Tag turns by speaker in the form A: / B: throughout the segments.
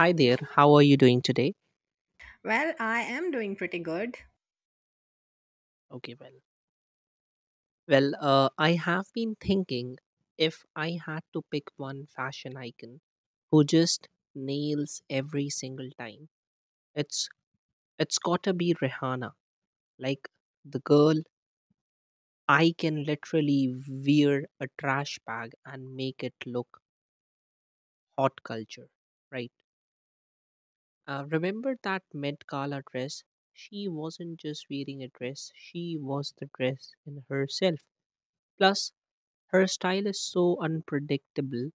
A: Hi there. How are you doing today?
B: Well, I am doing pretty good.
A: Okay, well, I have been thinking if I had to pick one fashion icon who just nails every single time, it's it's gotta be Rihanna. Like the girl, I can literally wear a trash bag and make it look hot culture, right? Remember that Met Gala dress? She wasn't just wearing a dress; she was the dress in herself. Plus, her style is so unpredictable.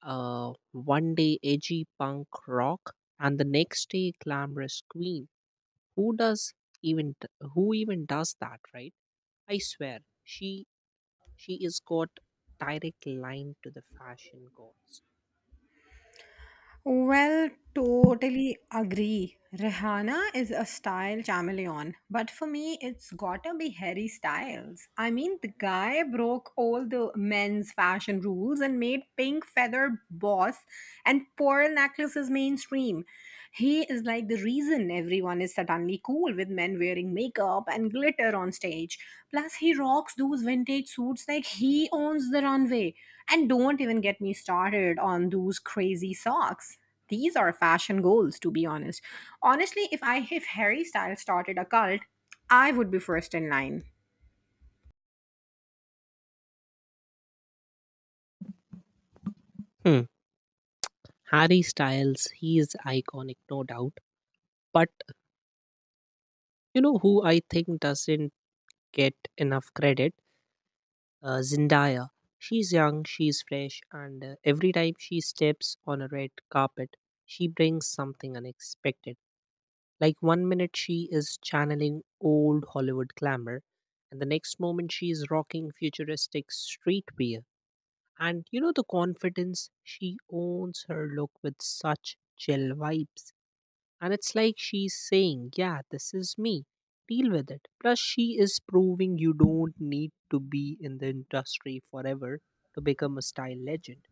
A: One day edgy punk rock, and the next day glamorous queen. Who does even t- who even does that, right? I swear, she is got direct line to the fashion gods.
B: Well, totally agree. Rihanna is a style chameleon, but for me, it's gotta be Harry Styles. I mean, the guy broke all the men's fashion rules and made pink feather boss and pearl necklaces mainstream. He is like the reason everyone is suddenly cool with men wearing makeup and glitter on stage. Plus, he rocks those vintage suits like he owns the runway. And don't even get me started on those crazy socks. These are fashion goals, to be honest. Honestly, if Harry Styles started a cult, I would be first in line.
A: Hmm. Harry Styles, he is iconic, no doubt. But you know who I think doesn't get enough credit? Zendaya. She's young, she's fresh, and every time she steps on a red carpet, she brings something unexpected. Like one minute she is channeling old Hollywood glamour, and the next moment she is rocking futuristic streetwear. And you know the confidence she owns her look with such chill vibes. And it's like she's saying, "Yeah, this is me. Deal with it." Plus, she is proving you don't need to be in the industry forever to become a style legend.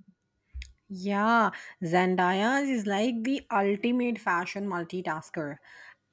B: Yeah, Zendaya is like the ultimate fashion multitasker.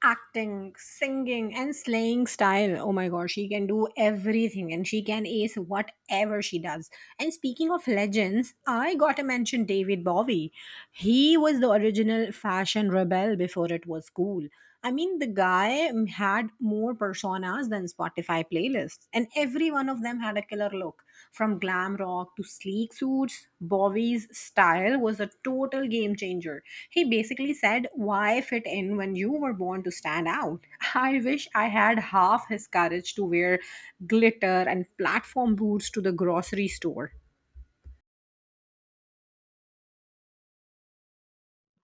B: Acting, singing, and slaying style. Oh my gosh, she can do everything and she can ace whatever she does. And speaking of legends, I gotta mention David Bowie. He was the original fashion rebel before it was cool. I mean, the guy they had more personas than Spotify playlists, and every one of them had a killer look. From glam rock to sleek suits, Bowie's style was a total game changer. He basically said, why fit in when you were born to stand out? I wish I had half his courage to wear glitter and platform boots to the grocery store.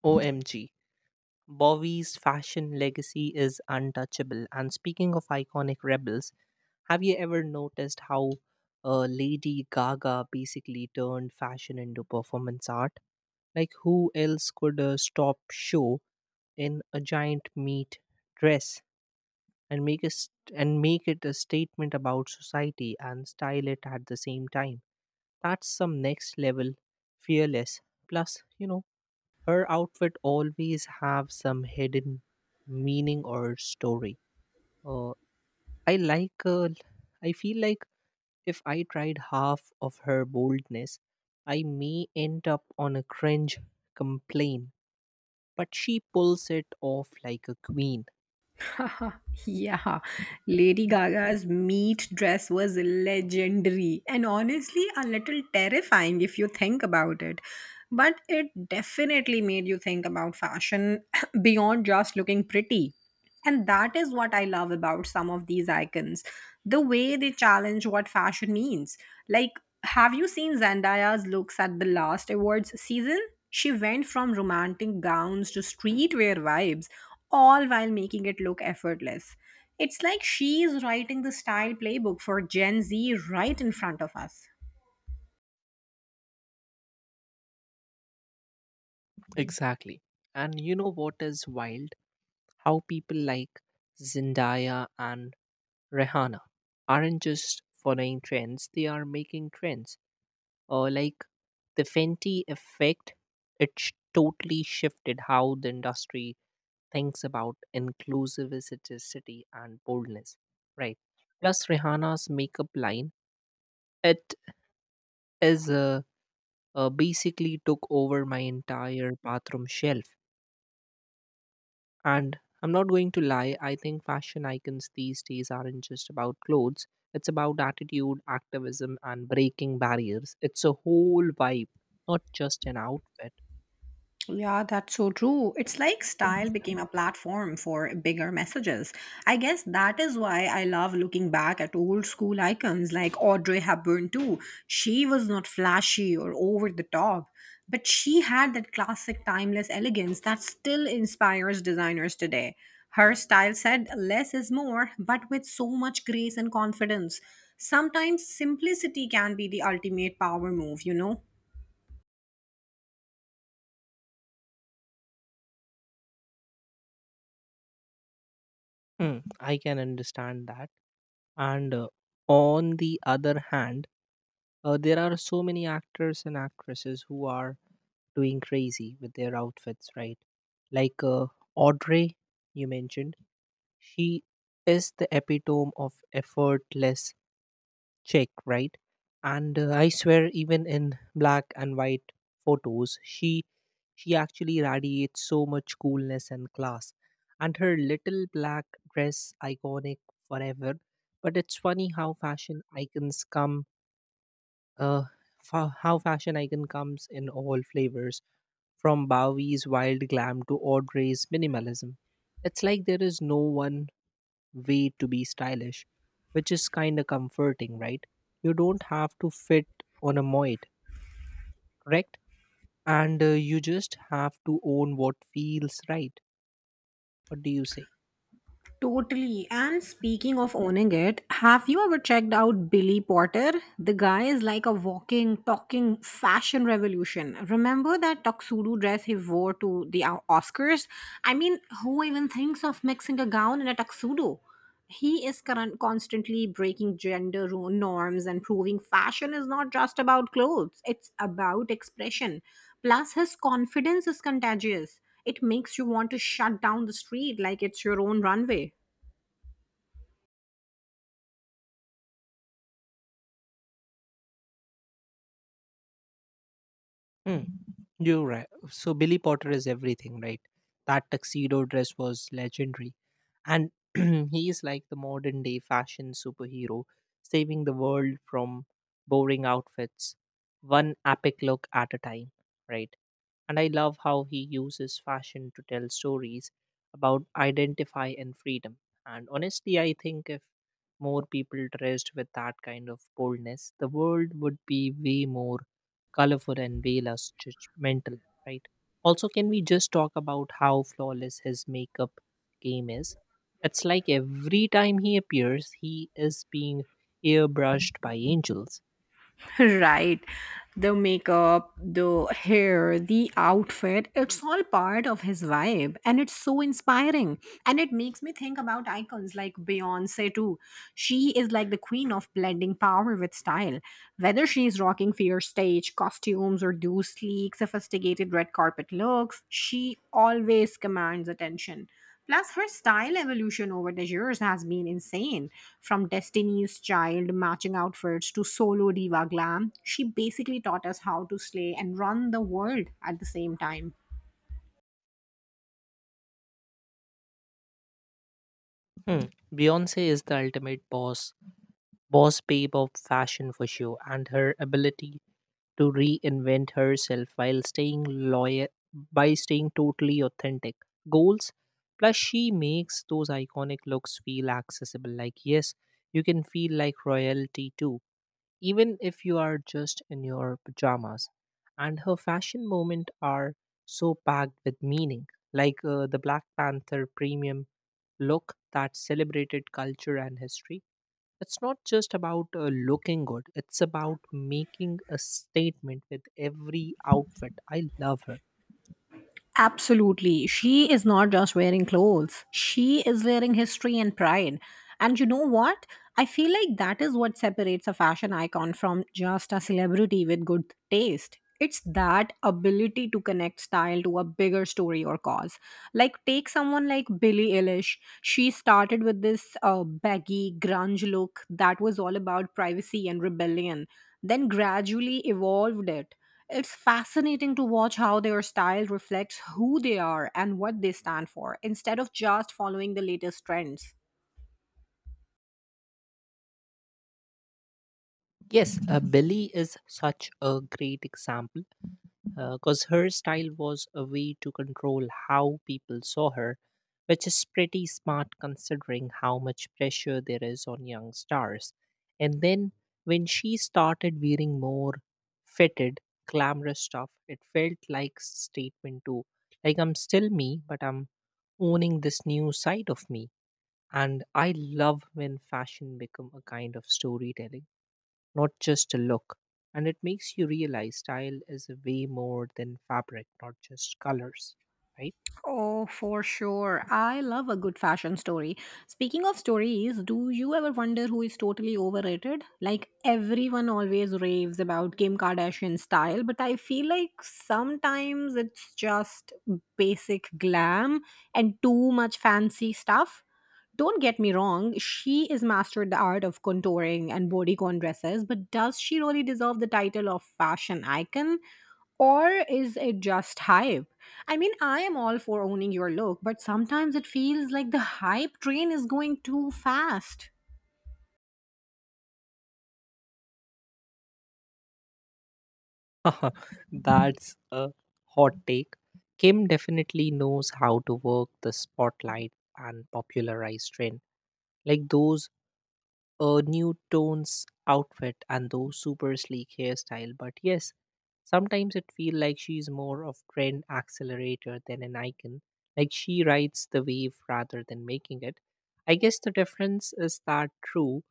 A: OMG. Bowie's fashion legacy is untouchable. And speaking of iconic rebels, have you ever noticed how Lady Gaga basically turned fashion into performance art? Like, who else could stop show in a giant meat dress? And make it a statement about society and style it at the same time? That's some next level fearless. Plus, you know, her outfit always have some hidden meaning or story. Uh, i like uh, i feel like if I tried half of her boldness I may end up on a cringe complaint, but she pulls it off like a queen.
B: Yeah, Lady Gaga's meat dress was legendary and honestly a little terrifying if you think about it. But it definitely made you think about fashion beyond just looking pretty. And that is what I love about some of these icons, the way they challenge what fashion means. Like, have you seen Zendaya's looks at the last awards season? She went from romantic gowns to streetwear vibes, all while making it look effortless. It's like she's writing the style playbook for Gen Z right in front of us.
A: Exactly. And you know what is wild? How people like Zendaya and Rihanna aren't just following trends, they are making trends. Like the Fenty effect, it totally shifted how the industry thinks about inclusivity and boldness, right? Plus, Rihanna's makeup line, it is basically took over my entire bathroom shelf. And I'm not going to lie, I think fashion icons these days aren't just about clothes. It's about attitude, activism, and breaking barriers. It's a whole vibe, not just an outfit.
B: Yeah, that's so true. It's like style became a platform for bigger messages. I guess that is why I love looking back at old school icons like Audrey Hepburn, too. She was not flashy or over the top, but she had that classic timeless elegance that still inspires designers today. Her style said less is more, but with so much grace and confidence. Sometimes simplicity can be the ultimate power move, you know?
A: Hmm, I can understand that. And on the other hand, there are so many actors and actresses who are doing crazy with their outfits, right? Like uh, Audrey, you mentioned, she is the epitome of effortless check, right? And I swear, even in black and white photos, she actually radiates so much coolness and class. And her little black dress, iconic forever. But it's funny how fashion icons come, uh, fa- how fashion icon comes in all flavors, from Bowie's wild glam to Audrey's minimalism. It's like there is no one way to be stylish, which is kind of comforting, right? You don't have to fit on a moid, correct? And you just have to own what feels right. What do you say?
B: Totally. And speaking of owning it, have you ever checked out Billy Porter? The guy is like a walking, talking fashion revolution. Remember that tuxedo dress he wore to the Oscars? I mean, who even thinks of mixing a gown and a tuxedo? He is current, constantly breaking gender norms and proving fashion is not just about clothes, it's about expression. Plus, his confidence is contagious. It makes you want to shut down the street like it's your own runway.
A: Hmm. You're right. So Billy Potter is everything, right? That tuxedo dress was legendary. And he is like the modern day fashion superhero, saving the world from boring outfits, one epic look at a time, right? And I love how he uses fashion to tell stories about identify and freedom. And honestly, I think if more people dressed with that kind of boldness, the world would be way more colorful and way less judgmental, right? Also, can we just talk about how flawless his makeup game is? It's like every time he appears, he is being airbrushed by angels.
B: Right, the makeup, the hair, the outfit, it's all part of his vibe, and it's so inspiring. And it makes me think about icons like Beyonce too. She is like the queen of blending power with style. Whether she's rocking fierce stage costumes or those sleek sophisticated red carpet looks, she always commands attention. Plus, her style evolution over the years has been insane. From Destiny's Child matching outfits to solo diva glam, she basically taught us how to slay and run the world at the same time.
A: Hmm. Beyonce is the ultimate boss babe of fashion for sure, and her ability to reinvent herself while staying loyal by staying totally authentic. Goals. Plus, she makes those iconic looks feel accessible. Like, yes, you can feel like royalty too, even if you are just in your pajamas. And her fashion moments are so packed with meaning, like the Black Panther premium look that celebrated culture and history. It's not just about looking good, it's about making a statement with every outfit. I love her.
B: Absolutely. She is not just wearing clothes, she is wearing history and pride. And you know what? I feel like that is what separates a fashion icon from just a celebrity with good taste. It's that ability to connect style to a bigger story or cause. Like, take someone like Billie Eilish. She started with this baggy, grunge look that was all about privacy and rebellion, then gradually evolved it. It's fascinating to watch how their style reflects who they are and what they stand for, instead of just following the latest trends.
A: Yes, Billy is such a great example, because her style was a way to control how people saw her, which is pretty smart considering how much pressure there is on young stars. And then when she started wearing more fitted, glamorous stuff, it felt like statement too. Like, I'm still me, but I'm owning this new side of me. And I love when fashion become a kind of storytelling, not just a look. And it makes you realize style is way more than fabric, not just colors, right?
B: Oh, for sure. I love a good fashion story. Speaking of stories, do you ever wonder who is totally overrated? Like, everyone always raves about Kim Kardashian's style, but I feel like sometimes it's just basic glam and too much fancy stuff. Don't get me wrong, she is mastered the art of contouring and bodycon dresses, but does she really deserve the title of fashion icon? Or is it just hype? I mean, I am all for owning your look, but sometimes it feels like the hype train is going too fast.
A: That's a hot take. Kim definitely knows how to work the spotlight and popularize trend. Like those a new tones outfit and those super sleek hairstyle, but yes, sometimes it feels like she's more of trend accelerator than an icon. Like she rides the wave rather than making it. I guess the difference is that true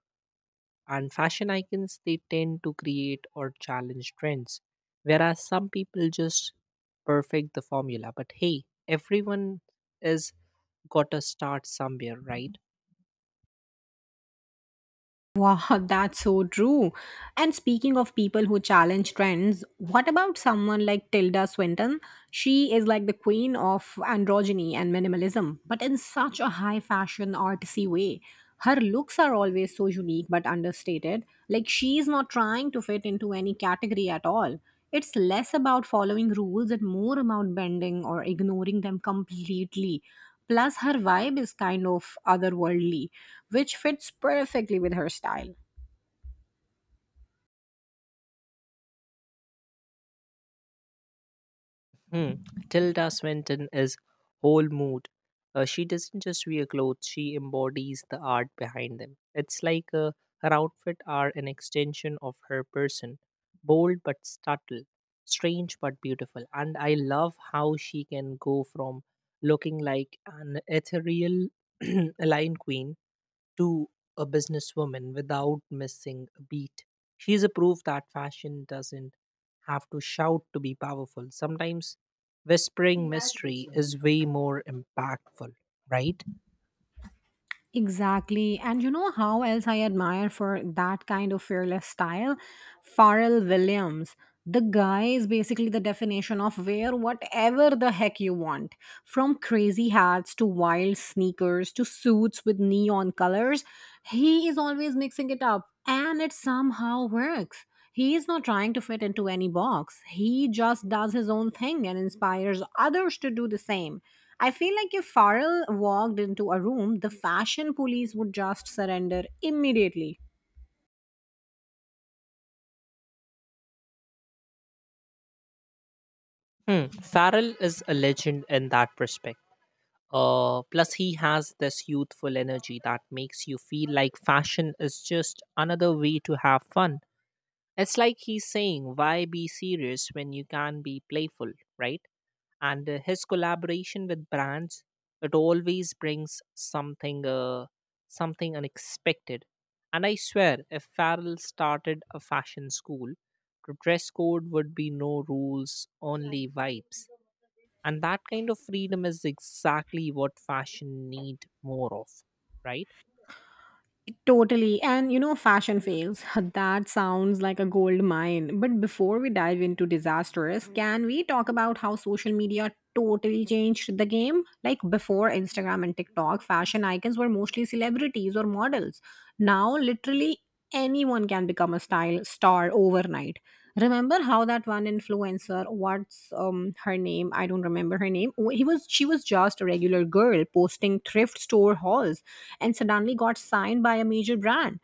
A: and fashion icons, they tend to create or challenge trends, whereas some people just perfect the formula. But hey, everyone is got to start somewhere, right?
B: Wow, that's so true. And speaking of people who challenge trends, what about someone like Tilda Swinton? She is like the queen of androgyny and minimalism, but in such a high fashion artsy way. Her looks are always so unique but understated. Like, she is not trying to fit into any category at all. It's less about following rules and more about bending or ignoring them completely. Plus, her vibe is kind of otherworldly, which fits perfectly with her style.
A: Hmm. Tilda Swinton is whole mood. She doesn't just wear clothes, she embodies the art behind them. It's like her outfit are an extension of her person. Bold but subtle, strange but beautiful. And I love how she can go from looking like an ethereal lion queen to a businesswoman without missing a beat. She's a proof that fashion doesn't have to shout to be powerful. Sometimes whispering mystery is way more impactful, right?
B: Exactly. And you know how else I admire for that kind of fearless style? Pharrell Williams. The guy is basically the definition of wear whatever the heck you want. From crazy hats to wild sneakers to suits with neon colors, he is always mixing it up and it somehow works. He is not trying to fit into any box. He just does his own thing and inspires others to do the same. I feel like if Farrell walked into a room, the fashion police would just surrender immediately.
A: Hmm. Farrell is a legend in that respect. Plus, he has this youthful energy that makes you feel like fashion is just another way to have fun. It's like he's saying, "Why be serious when you can be playful," right? And his collaboration with brands, it always brings something unexpected. And I swear, if Farrell started a fashion school, the dress code would be no rules, only vibes. And that kind of freedom is exactly what fashion need more of, right?
B: Totally. And you know, fashion fails. That sounds like a gold mine. But before we dive into disasters, can we talk about how social media totally changed the game? Like, before Instagram and TikTok, fashion icons were mostly celebrities or models. Now, literally anyone can become a style star overnight. Remember how that one influencer, what's her name, I don't remember her name. He was she was just a regular girl posting thrift store hauls and suddenly got signed by a major brand.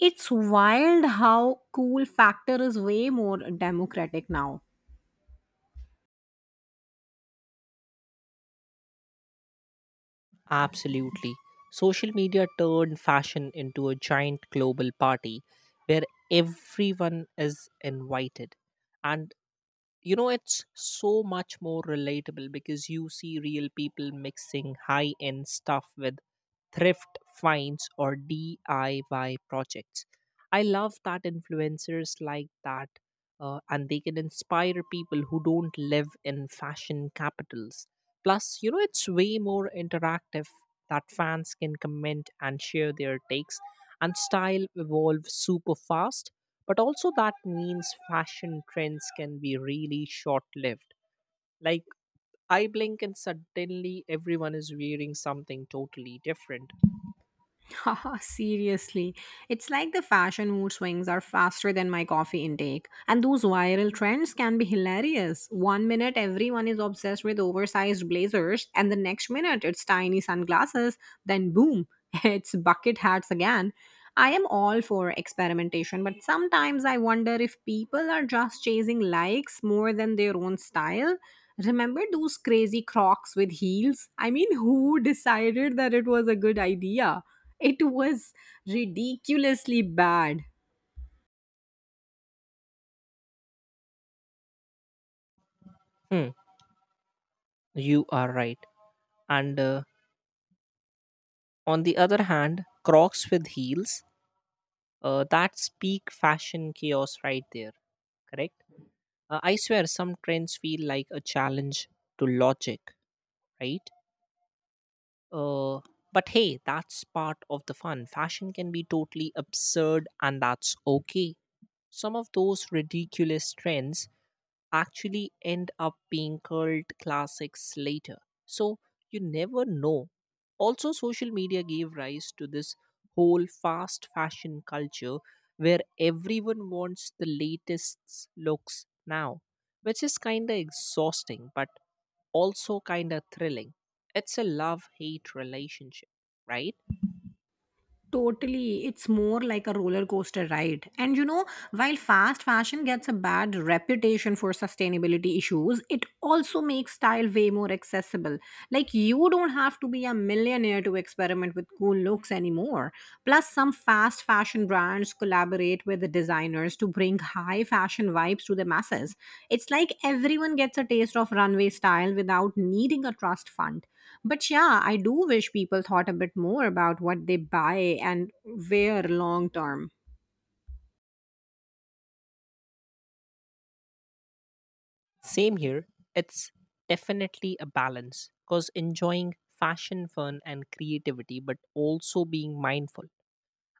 B: It's wild how cool factor is way more democratic now.
A: Absolutely. Social media turned fashion into a giant global party where everyone is invited. And you know, it's so much more relatable because you see real people mixing high end stuff with thrift finds or DIY projects. I love that influencers like that. And they can inspire people who don't live in fashion capitals. Plus, you know, it's way more interactive, that fans can comment and share their takes, and style evolves super fast. But also, that means fashion trends can be really short lived. Like, I blink and suddenly everyone is wearing something totally different.
B: Seriously, it's like the fashion mood swings are faster than my coffee intake. And those viral trends can be hilarious. One minute, everyone is obsessed with oversized blazers, and the next minute, it's tiny sunglasses. Then, boom, it's bucket hats again. I am all for experimentation, but sometimes I wonder if people are just chasing likes more than their own style. Remember those crazy crocs with heels? I mean, who decided that it was a good idea? It was ridiculously bad.
A: Hmm, you are right. And on the other hand, Crocs with heels, that's peak fashion chaos right there, correct? I swear some trends feel like a challenge to logic, right? Uh, but hey, that's part of the fun. Fashion can be totally absurd, and that's okay. Some of those ridiculous trends actually end up being cult classics later. So you never know. Also, social media gave rise to this whole fast fashion culture where everyone wants the latest looks now, which is kind of exhausting but also kind of thrilling. It's a love hate relationship, right?
B: Totally. It's more like a roller coaster ride. And you know, while fast fashion gets a bad reputation for sustainability issues, it also makes style way more accessible. Like, you don't have to be a millionaire to experiment with cool looks anymore. Plus, some fast fashion brands collaborate with the designers to bring high fashion vibes to the masses. It's like everyone gets a taste of runway style without needing a trust fund. But yeah, I do wish people thought a bit more about what they buy and wear long term.
A: Same here. It's definitely a balance because enjoying fashion, fun, and creativity, but also being mindful.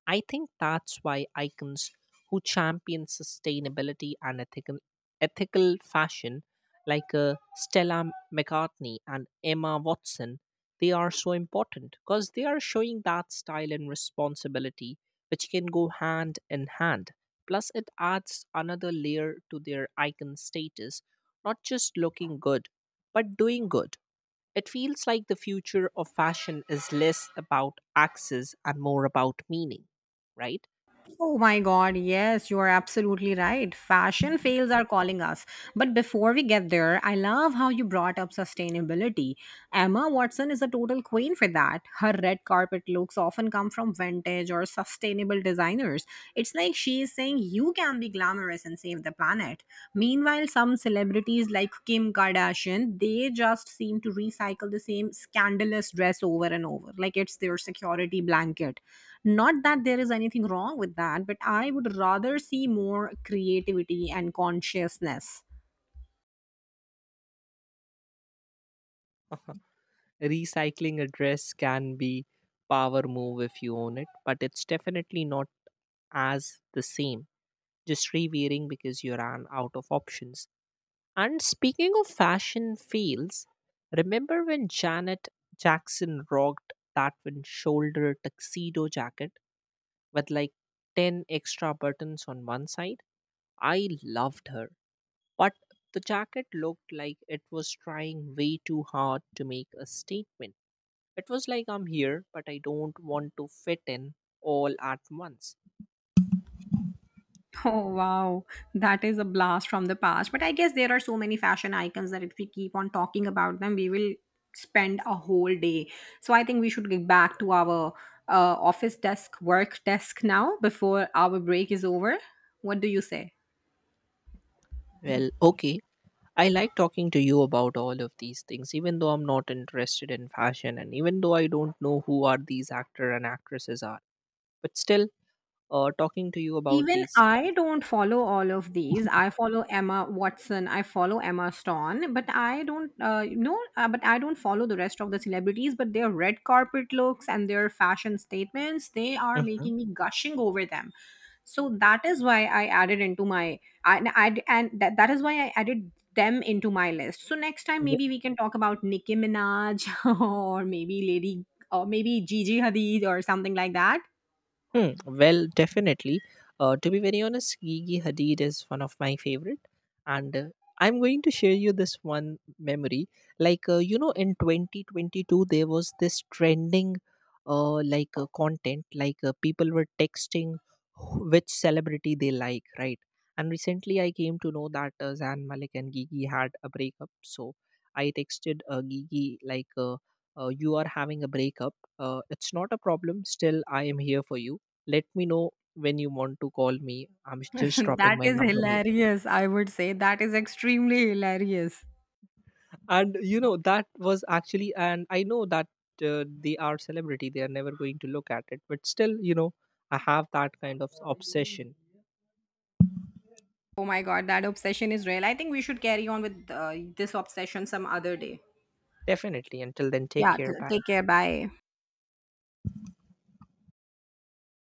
A: I think that's why icons who champion sustainability and ethical fashion, like Stella McCartney and Emma Watson, they are so important because they are showing that style and responsibility, which can go hand in hand. Plus, it adds another layer to their icon status, not just looking good, but doing good. It feels like the future of fashion is less about access and more about meaning, right?
B: Oh my God, yes, you are absolutely right. Fashion fails are calling us. But before we get there, I love how you brought up sustainability. Emma Watson is a total queen for that. Her red carpet looks often come from vintage or sustainable designers. It's like she is saying you can be glamorous and save the planet. Meanwhile, some celebrities like Kim Kardashian, they just seem to recycle the same scandalous dress over and over, like it's their security blanket. Not that there is anything wrong with that, but I would rather see more creativity and consciousness.
A: Recycling a dress can be power move if you own it, but it's definitely not as the same. Just rewearing because you ran out of options. And speaking of fashion fails, remember when Janet Jackson rocked that one shoulder tuxedo jacket with like 10 extra buttons on one side? I loved her, but the jacket looked like it was trying way too hard to make a statement. It was like, "I'm here, but I don't want to fit in all at once."
B: Oh wow, that is a blast from the past. But I guess there are so many fashion icons that if we keep on talking about them, we will spend a whole day. So I think we should get back to our office desk, work desk now before our break is over. What do you say?
A: Well, okay. I like talking to you about all of these things, even though I'm not interested in fashion and even though I don't know who are these actor and actresses are. But still, talking to you about
B: Even
A: these stuff.
B: I don't follow all of these. I follow Emma Watson. I follow Emma Stone, but I don't follow the rest of the celebrities. But their red carpet looks and their fashion statements, they are
A: Mhm.
B: making me gushing over them. So that is why I added into my I and that is why I added them into my list. So next time maybe we can talk about Nicki Minaj or maybe Lady or maybe Gigi Hadid or something like that.
A: Hmm, well, definitely. To be very honest, Gigi Hadid is one of my favorite, and I'm going to share you this one memory. Like you know, in 2022, there was this trending, content. People were texting which celebrity they like, right? And recently, I came to know that Zan Malik and Gigi had a breakup. So I texted Gigi like, "You are having a breakup. It's not a problem. Still, I am here for you. Let me know when you want to call me. I'm just dropping
B: That
A: my
B: is
A: number here."
B: hilarious. I would say that is extremely hilarious.
A: And you know, that was actually, and I know that they are celebrity, they are never going to look at it, but still, you know, I have that kind of obsession.
B: Oh my god, that obsession is real. I think we should carry on with this obsession some other day.
A: Definitely. Until then, take
B: Yeah,
A: care. Bye.
B: take care. Bye.